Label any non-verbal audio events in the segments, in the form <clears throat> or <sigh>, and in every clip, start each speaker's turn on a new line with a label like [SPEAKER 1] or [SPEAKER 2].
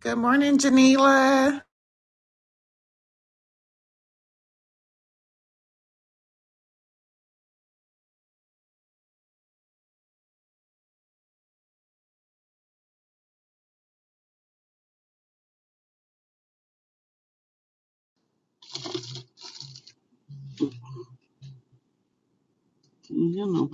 [SPEAKER 1] Good morning, Janila.
[SPEAKER 2] You know,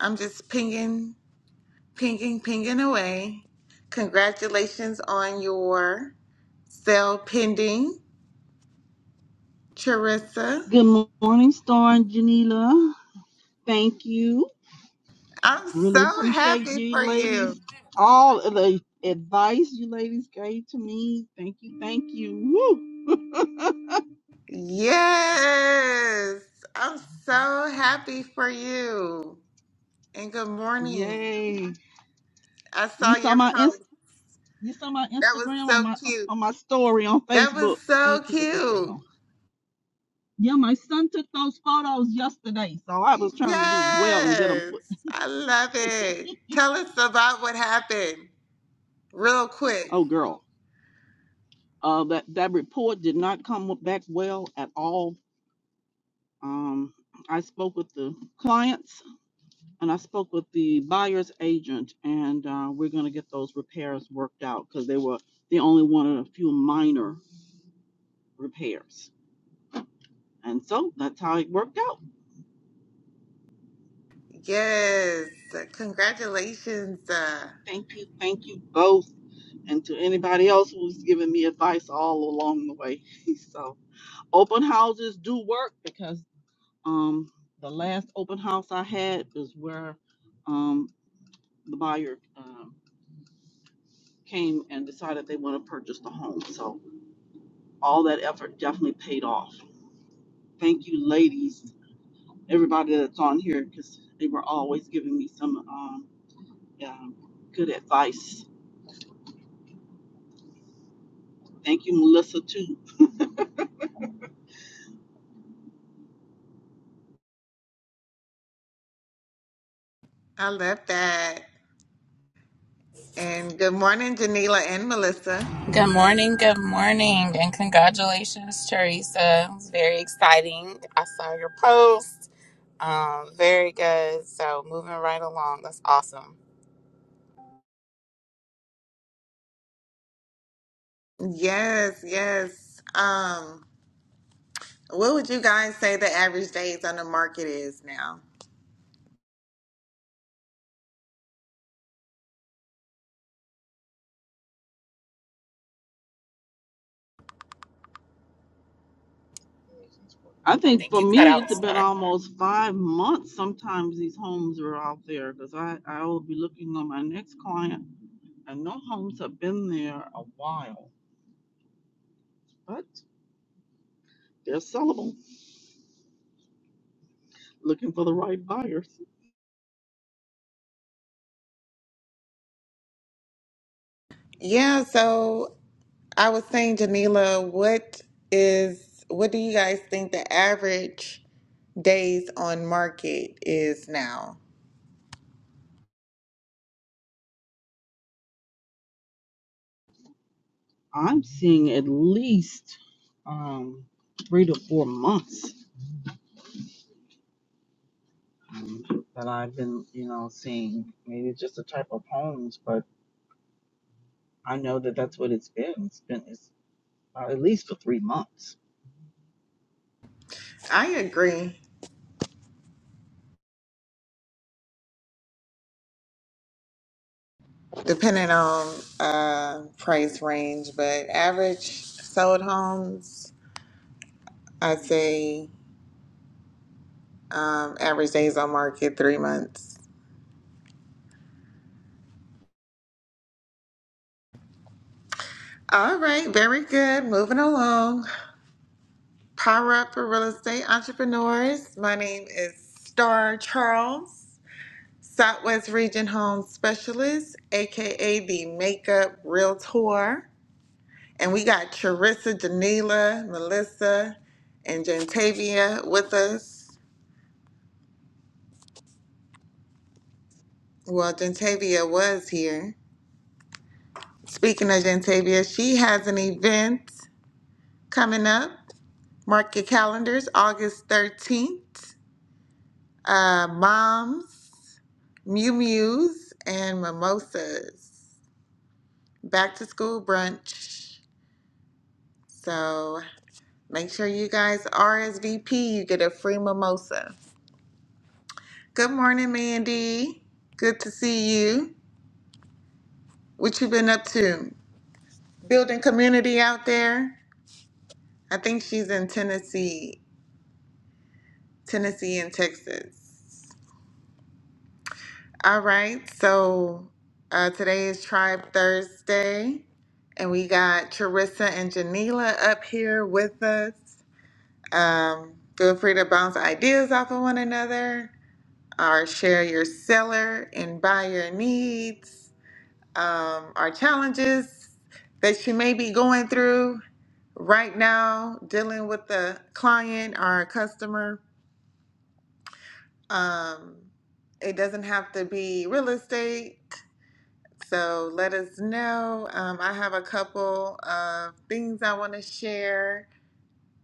[SPEAKER 1] I'm just pinging, pinging, pinging away. Congratulations on your sale pending, Charissa.
[SPEAKER 2] Good morning, Storm Janila. Thank you.
[SPEAKER 1] I'm
[SPEAKER 2] Really
[SPEAKER 1] so
[SPEAKER 2] appreciate
[SPEAKER 1] happy
[SPEAKER 2] you
[SPEAKER 1] for you.
[SPEAKER 2] ladies. All of the advice you ladies gave to me. Thank you. Thank you. Woo!
[SPEAKER 1] Yes, I'm so happy for you. And good morning.
[SPEAKER 2] Yay.
[SPEAKER 1] I
[SPEAKER 2] You
[SPEAKER 1] saw
[SPEAKER 2] saw
[SPEAKER 1] your
[SPEAKER 2] my inst-
[SPEAKER 1] post.
[SPEAKER 2] you saw my
[SPEAKER 1] That was
[SPEAKER 2] Instagram on
[SPEAKER 1] so
[SPEAKER 2] my
[SPEAKER 1] cute.
[SPEAKER 2] on my story on
[SPEAKER 1] That was
[SPEAKER 2] Facebook. What these
[SPEAKER 1] so
[SPEAKER 2] people think they
[SPEAKER 1] cute.
[SPEAKER 2] going? Yeah, my son took those photos yesterday. So I was trying to do well and get them
[SPEAKER 1] Yes,
[SPEAKER 2] put.
[SPEAKER 1] I love it. Tell us about what happened real quick.
[SPEAKER 2] Oh girl. Uh that, that report did not come back well at all Um, I spoke with the clients and I spoke with the buyer's agent, and uh, we're going to get those repairs worked out because they were they only wanted a few minor repairs, and so that's how it worked out.
[SPEAKER 1] Yes, congratulations. Uh,
[SPEAKER 2] Thank you, thank you both, and to anybody else who's given me advice all along the way. <laughs> so open houses do work because um, the last open house I had is where um, the buyer. um, came and decided they want to purchase the home. So all that effort definitely paid off. Thank you, ladies, everybody that's on here, because they were always giving me some um, um, good advice. Thank you, Melissa, too.
[SPEAKER 1] I love that. And good morning, Janila and Melissa.
[SPEAKER 3] Good morning, good morning, and congratulations, Teresa. It was very exciting. I saw your post. Um, very good. So moving right along. That's awesome.
[SPEAKER 1] Yes, yes. Um, what would you guys say the average days on the market is now?
[SPEAKER 2] I
[SPEAKER 3] I
[SPEAKER 2] think
[SPEAKER 3] think
[SPEAKER 2] for
[SPEAKER 3] you cut
[SPEAKER 2] me,
[SPEAKER 3] out
[SPEAKER 2] it's been
[SPEAKER 3] star.
[SPEAKER 2] almost five months. Sometimes these homes are out there because I, I will be looking on my next client, and no homes have been there a while, but they're sellable, looking for the right buyers.
[SPEAKER 1] Yeah, so I was saying, Janila, what is what do you guys think the average days on market is now?
[SPEAKER 2] I'm seeing at least um, three to four months um, that I've been, you know, seeing. Maybe it's just the type of homes, but I know that that's what it's been. It's been it's uh, at least for three months.
[SPEAKER 1] I agree, depending on uh, price range, but average sold homes, i say um, average days on market, three months. All right, very good. Moving along. Power Up for Real Estate Entrepreneurs. My name is Star Charles, Southwest Region Home Specialist, aka the Makeup Realtor. And we got Charissa, Janila, Melissa, and Jantavia with us. Well, Gentavia was here. Speaking of Gentavia, she has an event coming up. Mark your calendars, August 13th. Uh, moms, Mew Mews, and Mimosas. Back to school brunch. So make sure you guys RSVP. You get a free mimosa. Good morning, Mandy. Good to see you. What you been up to? Building community out there? I think she's in Tennessee Tennessee and Texas. All right, so uh, today is Tribe Thursday, and we got Charissa and Janila up here with us. Um, feel free to bounce ideas off of one another, or share your seller and buyer needs, um, or challenges that you may be going through right now, dealing with a client or a customer. Um, it doesn't have to be real estate. So let us know. Um, I have a couple of things I want to share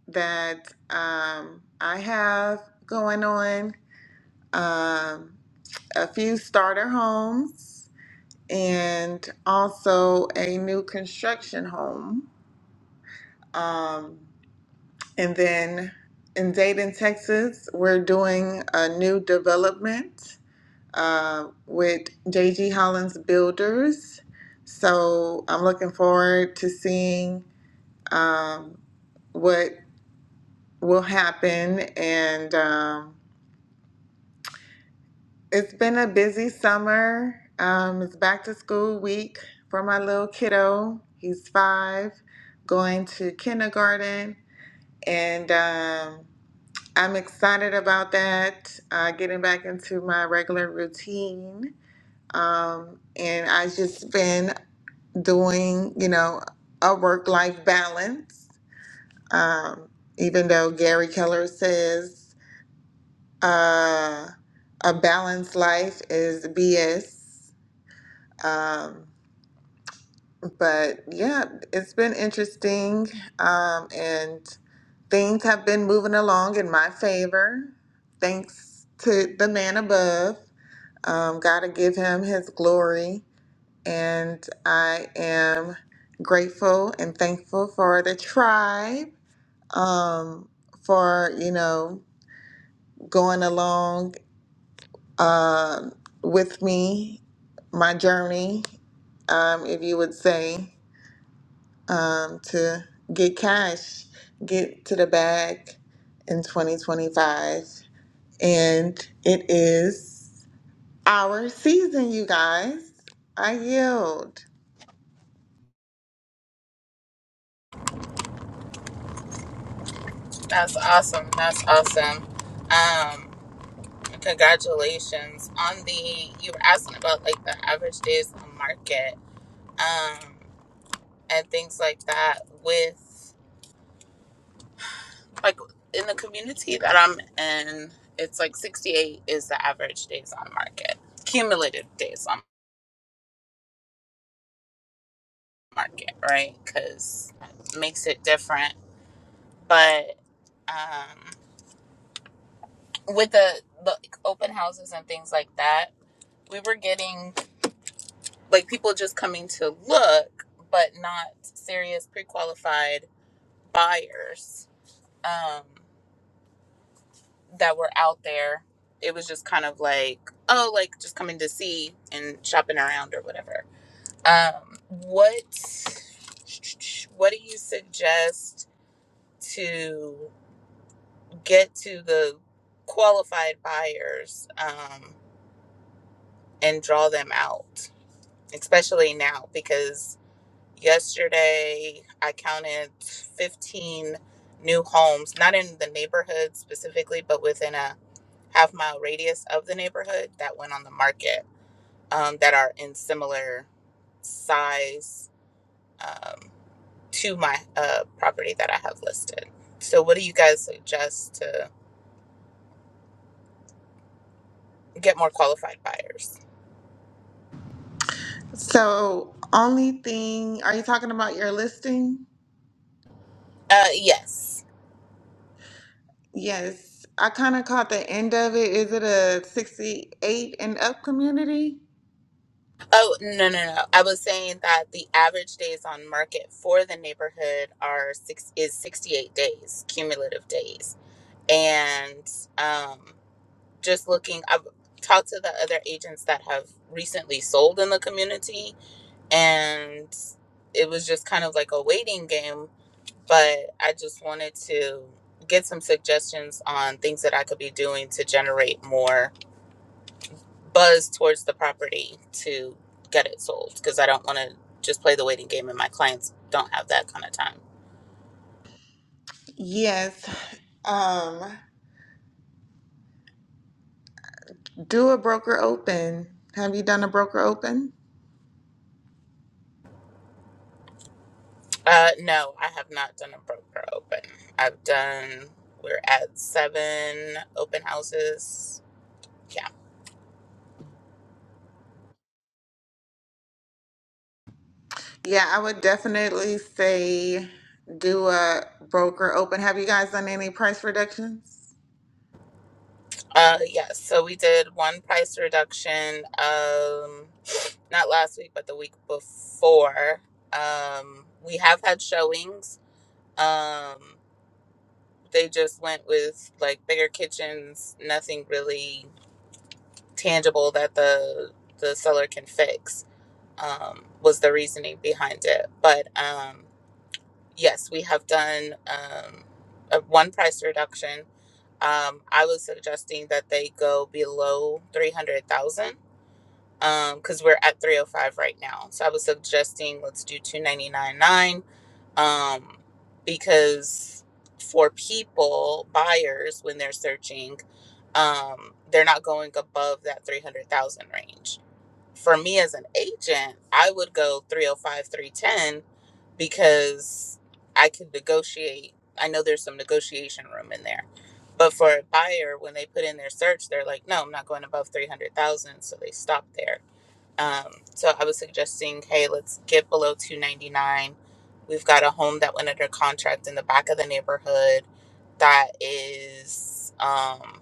[SPEAKER 1] that um, I have going on. Um, a few starter homes and also a new construction home. Um, and then in Dayton, Texas, we're doing a new development uh, with JG Hollins Builders. So I'm looking forward to seeing um, what will happen. And um, it's been a busy summer. Um, it's back to school week for my little kiddo. He's five, going to kindergarten. And um, I'm excited about that, uh, getting back into my regular routine um, and I have just been doing, you know, a work life balance. Um, even though Gary Keller says uh, a balanced life is BS. Um, but yeah, it's been interesting. Um, and things have been moving along in my favor, thanks to the man above. Um, gotta give him his glory. and I am grateful and thankful for the tribe um, for you know going along um with me, my journey, um, if you would say, um, to get cash, get to the bag in 2025, and it is our season, you guys. I yield.
[SPEAKER 3] That's awesome. That's awesome. Um, congratulations on the you were asking about like the average days on market, um, and things like that with like in the community that I'm in, it's like 68 is the average days on market, cumulative days on market, right? Because it makes it different. But um, with the like open houses and things like that, we were getting like people just coming to look, but not serious pre qualified buyers. Um, that were out there. It was just kind of like, oh, like just coming to see and shopping around or whatever. Um, what what do you suggest to get to the qualified buyers um, and draw them out, especially now because Yesterday, I counted 15 new homes, not in the neighborhood specifically, but within a half mile radius of the neighborhood that went on the market um, that are in similar size um, to my uh, property that I have listed. So, what do you guys suggest to get more qualified buyers?
[SPEAKER 1] So, only thing, are you talking about your listing?
[SPEAKER 3] Uh, yes.
[SPEAKER 1] Yes. I kind of caught the end of it. Is it a 68 and up community?
[SPEAKER 3] Oh, no, no, no. I was saying that the average days on market for the neighborhood are six is 68 days, cumulative days. And um, just looking, I've talked to the other agents that have recently sold in the community, and it was just kind of like a waiting game. But I just wanted to get some suggestions on things that I could be doing to generate more buzz towards the property to get it sold because I don't want to just play the waiting game and my clients don't have that kind of time.
[SPEAKER 1] Yes. Um, do a broker open. Have you done a broker open?
[SPEAKER 3] Uh, no, I have not done a broker open. I've done, we're at seven open houses. Yeah.
[SPEAKER 1] Yeah, I would definitely say do a broker open. Have you guys done any price reductions?
[SPEAKER 3] Uh, yes. So we did one price reduction, um, not last week, but the week before. Um, we have had showings. Um, they just went with like bigger kitchens, nothing really tangible that the the seller can fix um, was the reasoning behind it. But um, yes, we have done um, a one price reduction. Um, I was suggesting that they go below three hundred thousand because we're at three hundred five right now. So I was suggesting let's do two ninety nine nine um, because for people buyers when they're searching um, they're not going above that 300,000 range for me as an agent, I would go 305, 310 because I could negotiate. I know there's some negotiation room in there. But for a buyer, when they put in their search, they're like, no, I'm not going above 300,000. So they stop there. Um, so I was suggesting, hey, let's get below 299. We've got a home that went under contract in the back of the neighborhood that is, um,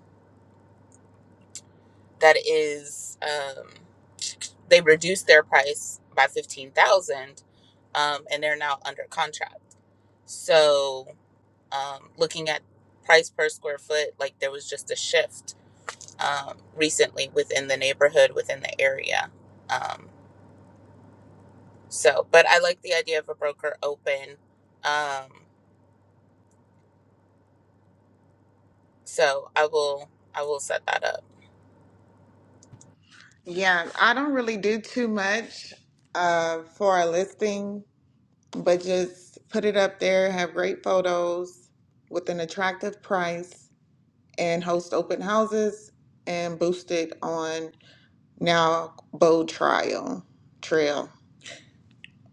[SPEAKER 3] that is, um, they reduced their price by 15,000 um, and they're now under contract. So, um, looking at price per square foot, like there was just a shift um, recently within the neighborhood, within the area. Um, so, but I like the idea of a broker open. Um, so I will, I will set that up.
[SPEAKER 1] Yeah, I don't really do too much uh, for a listing. but just put it up there, have great photos with an attractive price, and host open houses and boost it on now Bow Trial Trail.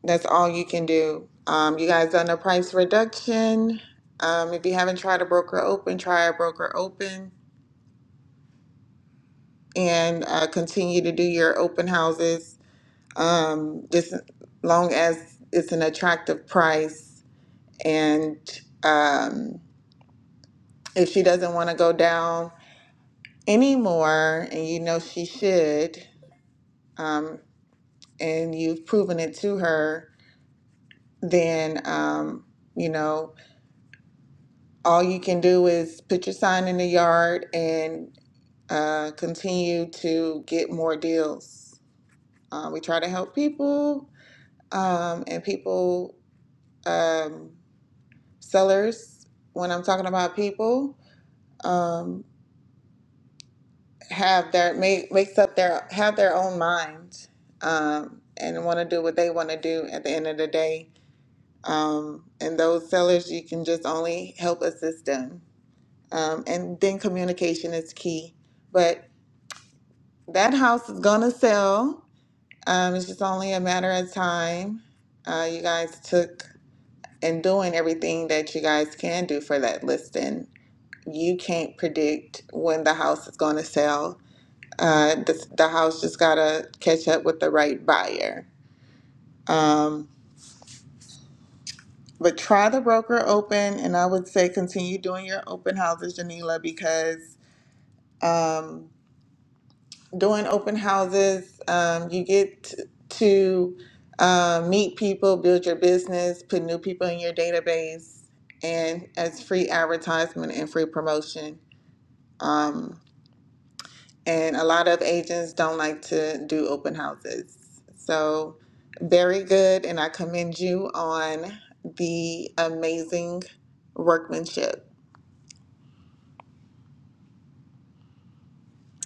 [SPEAKER 1] That's all you can do. Um, you guys done a price reduction. Um, if you haven't tried a broker open, try a broker open and uh, continue to do your open houses. Um, just long as it's an attractive price and um, if she doesn't want to go down anymore and you know she should um, and you've proven it to her then um, you know all you can do is put your sign in the yard and uh, continue to get more deals uh, we try to help people um, and people um, sellers when i'm talking about people um, have their make makes up their have their own minds um, and want to do what they want to do at the end of the day. Um, and those sellers, you can just only help assist them. Um, and then communication is key. But that house is gonna sell. Um, it's just only a matter of time. Uh, you guys took and doing everything that you guys can do for that listing. You can't predict when the house is gonna sell Uh, the, the house just gotta catch up with the right buyer. Um, but try the broker open, and I would say continue doing your open houses, Janila, because um, doing open houses, um, you get to uh, meet people, build your business, put new people in your database, and as free advertisement and free promotion. Um, and a lot of agents don't like to do open houses. So, very good, and I commend you on the amazing workmanship.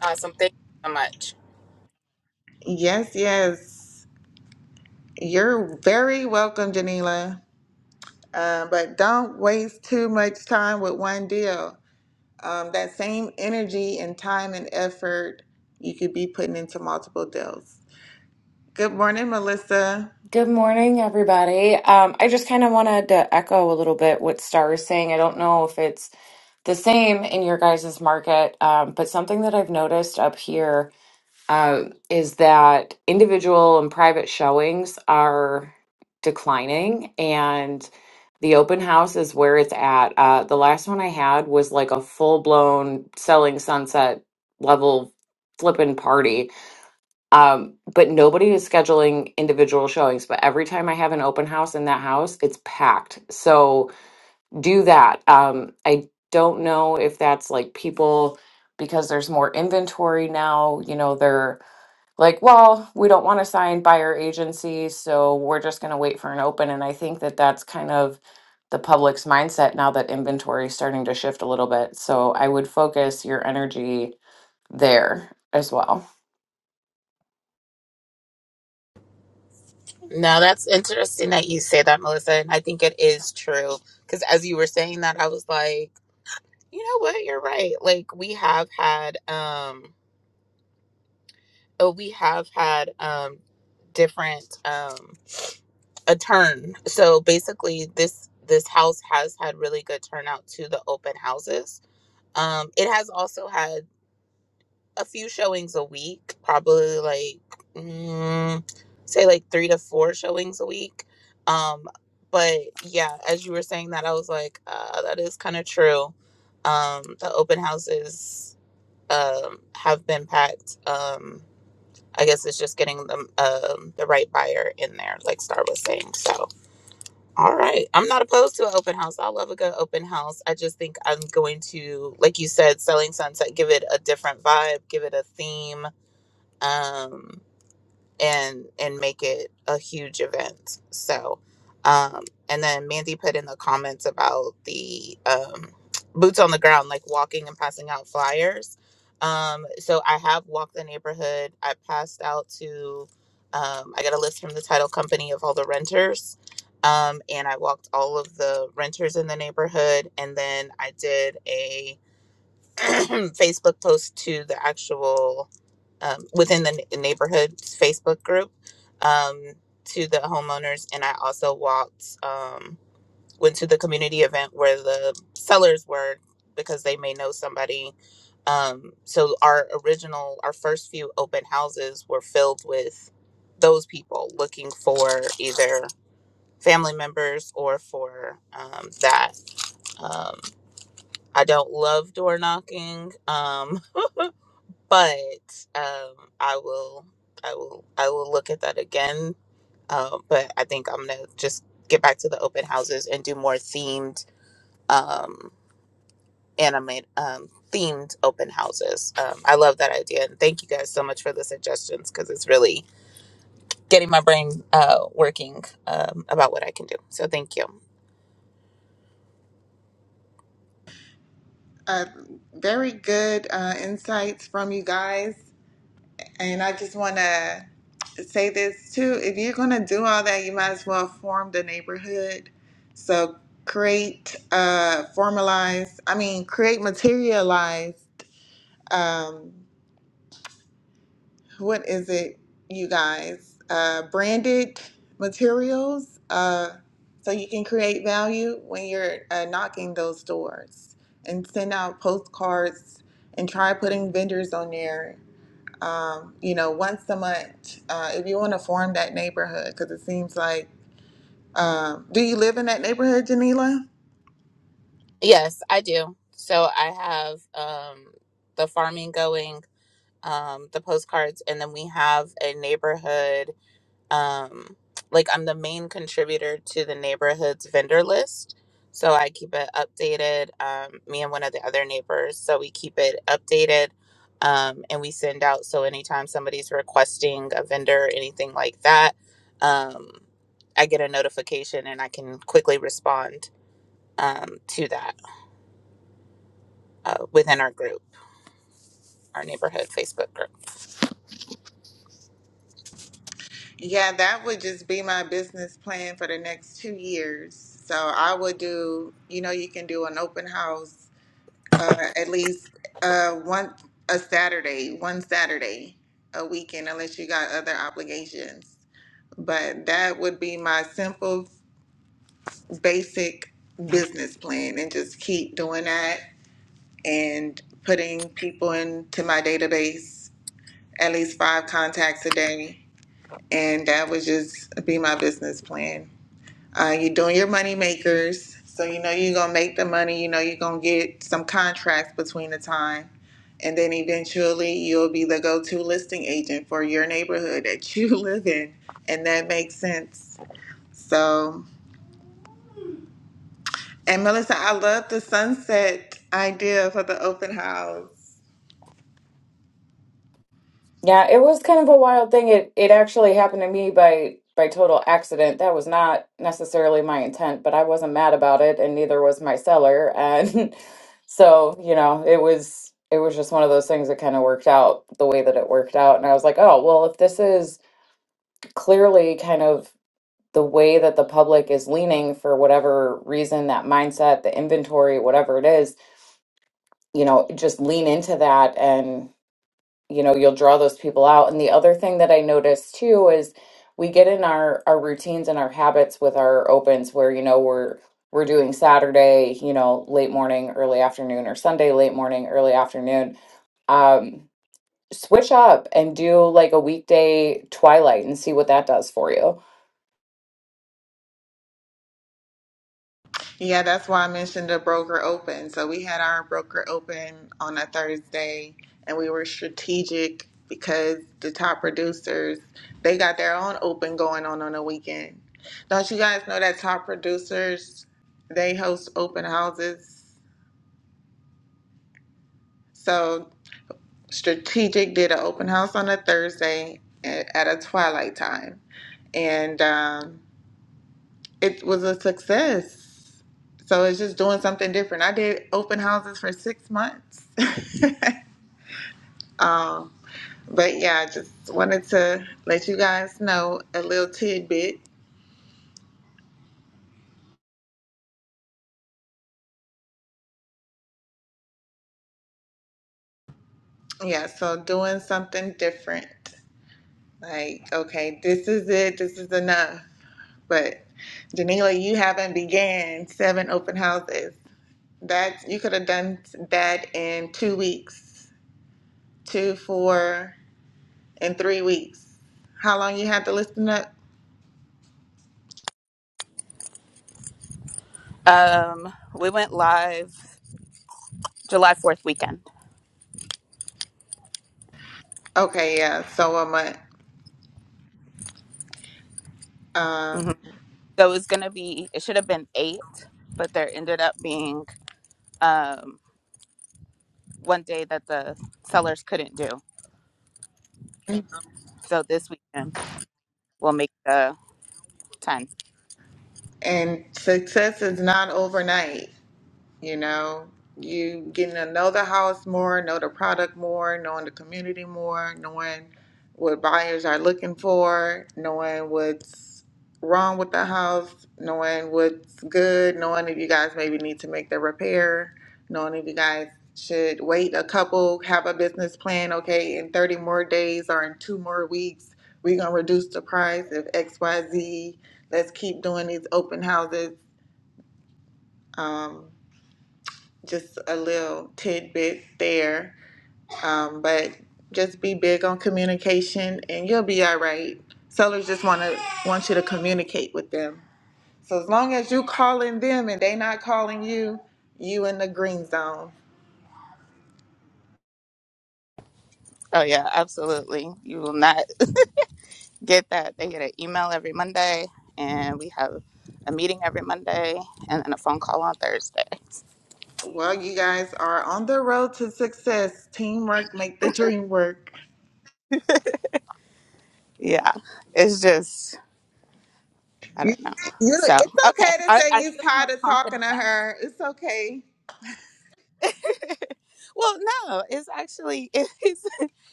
[SPEAKER 3] Awesome. Thank you so much.
[SPEAKER 1] Yes, yes, you're very welcome, Janila. Uh, but don't waste too much time with one deal. Um, that same energy and time and effort you could be putting into multiple deals. Good morning, Melissa.
[SPEAKER 4] Good morning, everybody. Um, I just kind of wanted to echo a little bit what Star is saying. I don't know if it's the same in your guys' market, um, but something that I've noticed up here uh, is that individual and private showings are declining, and the open house is where it's at. Uh, the last one I had was like a full blown selling sunset level flipping party um, but nobody is scheduling individual showings. But every time I have an open house in that house, it's packed. So do that. Um, I don't know if that's like people because there's more inventory now, you know, they're like, well, we don't want to sign buyer agency, so we're just going to wait for an open. And I think that that's kind of the public's mindset now that inventory is starting to shift a little bit. So I would focus your energy there as well.
[SPEAKER 3] No, that's interesting that you say that, Melissa. And I think it is true. Cause as you were saying that, I was like, You know what? You're right. Like we have had um uh, we have had um different um a turn. So basically this this house has had really good turnout to the open houses. Um it has also had a few showings a week, probably like mm, say like 3 to 4 showings a week. Um but yeah, as you were saying that I was like uh that is kind of true. Um the open houses um, have been packed. Um, I guess it's just getting them um, the right buyer in there, like Star was saying. So, all right, I'm not opposed to an open house. I love a good open house. I just think I'm going to, like you said, selling sunset, give it a different vibe, give it a theme. Um, and and make it a huge event. So, um, and then Mandy put in the comments about the um, boots on the ground, like walking and passing out flyers. Um, so I have walked the neighborhood. I passed out to, um, I got a list from the title company of all the renters. Um, and I walked all of the renters in the neighborhood, and then I did a <clears throat> Facebook post to the actual um, within the n- neighborhood Facebook group um, to the homeowners, and I also walked um, went to the community event where the sellers were because they may know somebody. Um, so our original, our first few open houses were filled with those people looking for either family members or for um, that um, I don't love door knocking, um, <laughs> but um, I will, I will, I will look at that again. Um, but I think I'm gonna just get back to the open houses and do more themed, um, animate, um, themed open houses. Um, I love that idea, and thank you guys so much for the suggestions because it's really getting my brain uh, working um, about what I can do. So thank you.
[SPEAKER 1] Uh, very good uh, insights from you guys. And I just want to say this too. If you're going to do all that, you might as well form the neighborhood. So create, uh, formalize, I mean, create, materialize. Um, what is it, you guys? Uh, branded materials. Uh, so you can create value when you're uh, knocking those doors and send out postcards and try putting vendors on there um, you know, once a month, uh, if you want to form that neighborhood, because it seems like, um, do you live in that neighborhood, Janila?
[SPEAKER 3] Yes, I do. So I have um, the farming going, um, the postcards, and then we have a neighborhood um like I'm the main contributor to the neighborhood's vendor list. So I keep it updated, um, me and one of the other neighbors. So we keep it updated um, and we send out. So anytime somebody's requesting a vendor or anything like that, um, I get a notification and I can quickly respond um, to that uh, within our group, our neighborhood Facebook group.
[SPEAKER 1] Yeah, that would just be my business plan for the next two years. So I would do, you know, you can do an open house uh, at least uh, one a Saturday, one Saturday a weekend, unless you got other obligations. But that would be my simple, basic business plan, and just keep doing that and putting people into my database, at least five contacts a day. And that would just be my business plan. Uh, you're doing your money makers, so you know you're gonna make the money, you know you're gonna get some contracts between the time. And then eventually you'll be the go to listing agent for your neighborhood that you <laughs> live in. And that makes sense. So, and Melissa, I love the sunset idea for the open house.
[SPEAKER 4] Yeah, it was kind of a wild thing. It it actually happened to me by by total accident. That was not necessarily my intent, but I wasn't mad about it, and neither was my seller. And <laughs> so, you know, it was it was just one of those things that kind of worked out the way that it worked out. And I was like, oh, well, if this is clearly kind of the way that the public is leaning for whatever reason, that mindset, the inventory, whatever it is, you know, just lean into that you know you'll draw those people out and the other thing that i notice too is we get in our our routines and our habits with our opens where you know we're we're doing saturday you know late morning early afternoon or sunday late morning early afternoon um switch up and do like a weekday twilight and see what that does for you
[SPEAKER 1] Yeah, that's why I mentioned the broker open. So we had our broker open on a Thursday and we were strategic because the top producers, they got their own open going on on the weekend. Don't you guys know that top producers, they host open houses? So strategic did an open house on a Thursday at at a twilight time. And um it was a success. So it's just doing something different. I did open houses for six months. <laughs> um, but yeah, I just wanted to let you guys know a little tidbit. Yeah, so doing something different. Like, okay, this is it, this is enough. But Janila, you haven't began seven open houses. That you could have done that in two weeks, two, four, and three weeks. How long you had to listen up?
[SPEAKER 3] Um, we went live July 4th weekend.
[SPEAKER 1] Okay, yeah. So I'm uh,
[SPEAKER 3] Mhm. So it was gonna be it should have been eight, but there ended up being um one day that the sellers couldn't do. So this weekend we'll make the ten.
[SPEAKER 1] and success is not overnight. You know, you getting to know the house more, know the product more, knowing the community more, knowing what buyers are looking for, knowing what's wrong with the house, knowing what's good, knowing if you guys maybe need to make the repair, knowing if you guys should wait a couple, have a business plan, okay, in 30 more days or in two more weeks, we're going to reduce the price of XYZ. Let's keep doing these open houses. Um, just a little tidbit there. Um, but just be big on communication, and you'll be all right. Sellers just want to want you to communicate with them. So as long as you calling them and they not calling you, you in the green zone.
[SPEAKER 3] Oh yeah, absolutely. You will not get that. They get an email every Monday and we have a meeting every Monday and then a phone call on Thursday.
[SPEAKER 1] Well, you guys are on the road to success. Teamwork make the dream work.
[SPEAKER 3] Yeah. It's just I
[SPEAKER 1] You,
[SPEAKER 3] don't know.
[SPEAKER 1] you,
[SPEAKER 3] So
[SPEAKER 1] it's
[SPEAKER 3] okay.
[SPEAKER 1] okay to
[SPEAKER 3] I,
[SPEAKER 1] say
[SPEAKER 3] I
[SPEAKER 1] you
[SPEAKER 3] feel more
[SPEAKER 1] tired of talking
[SPEAKER 3] confident
[SPEAKER 1] to
[SPEAKER 3] now.
[SPEAKER 1] her. It's okay.
[SPEAKER 3] Well no, it's actually <laughs> it's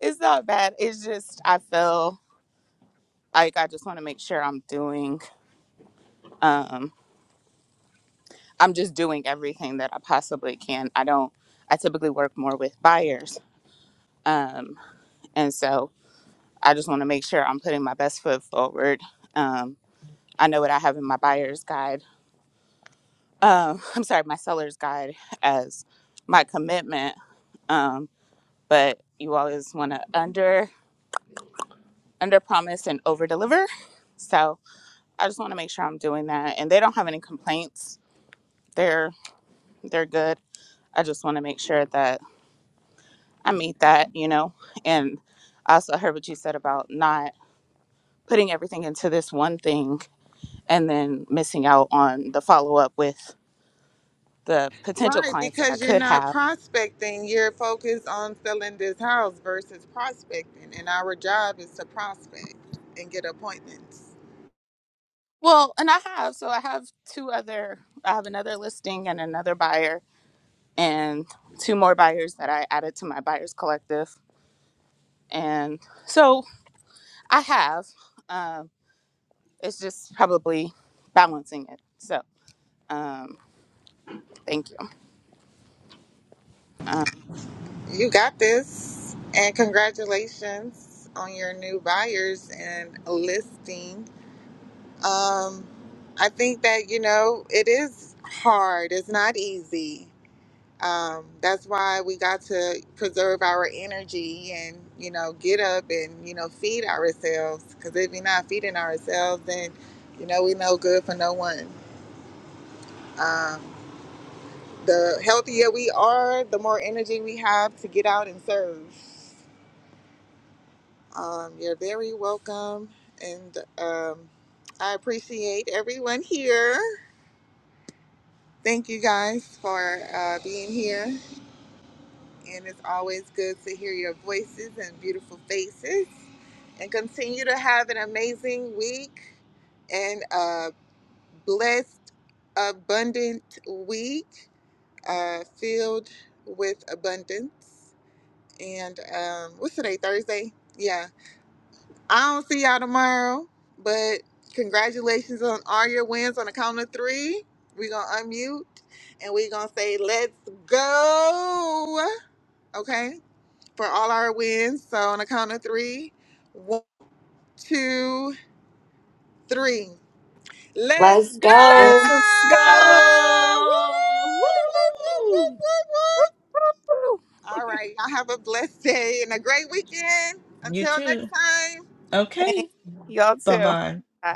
[SPEAKER 3] it's not bad. It's just I feel like I just want to make sure I'm doing um I'm just doing everything that I possibly can. I don't I typically work more with buyers. Um and so I just want to make sure I'm putting my best foot forward. Um I know what I have in my buyer's guide. Um <laughs> I'm sorry, my seller's guide as my commitment. Um but you always want to under under promise and over deliver. So I just want to make sure I'm doing that and they don't have any complaints. They're they're good I just want to make sure that I meet that, you know. And I also heard what you said about not putting everything into this one thing and then missing out on the follow up with the potential
[SPEAKER 1] Right,
[SPEAKER 3] clients that I
[SPEAKER 1] because you're
[SPEAKER 3] could
[SPEAKER 1] not
[SPEAKER 3] have.
[SPEAKER 1] prospecting. You're focused on selling this house versus prospecting. And our job is to prospect and get appointments.
[SPEAKER 3] Well, and I have. So I have two other, I have another listing and another buyer and two more buyers that I added to my buyers collective. And so I have. Um, it's just probably balancing it. So um, thank you. Um,
[SPEAKER 1] You got this. And congratulations on your new buyers and listing. Um, I think that, you know, it is hard, it's not easy. um, that's why we got to preserve our energy and you know get up and you know feed ourselves because if we're not feeding ourselves then you know we no good for no one um, the healthier we are the more energy we have to get out and serve um, you're very welcome and um, i appreciate everyone here thank you guys for uh, being here And it's always good to hear your voices and beautiful faces. And continue to have an amazing week and a blessed, abundant week uh, filled with abundance. And um, what's today, Thursday? Yeah. I don't see y'all tomorrow, but congratulations on all your wins on the count of three. We're going to unmute and we're going to say, let's go. Okay for all our wins. So on a count of three, one, two, three. Let's
[SPEAKER 4] Let's
[SPEAKER 1] go!
[SPEAKER 4] go.
[SPEAKER 2] Let's
[SPEAKER 1] Woo!
[SPEAKER 2] go.
[SPEAKER 1] Woo, woo, woo,
[SPEAKER 2] Woo!
[SPEAKER 1] woo, woo. All right, y'all have a blessed day and a great weekend.
[SPEAKER 2] You
[SPEAKER 1] Until next
[SPEAKER 2] too.
[SPEAKER 1] time.
[SPEAKER 3] Thank
[SPEAKER 2] Okay.
[SPEAKER 3] y'all
[SPEAKER 2] Bye
[SPEAKER 3] too.
[SPEAKER 2] bye.
[SPEAKER 3] Bye.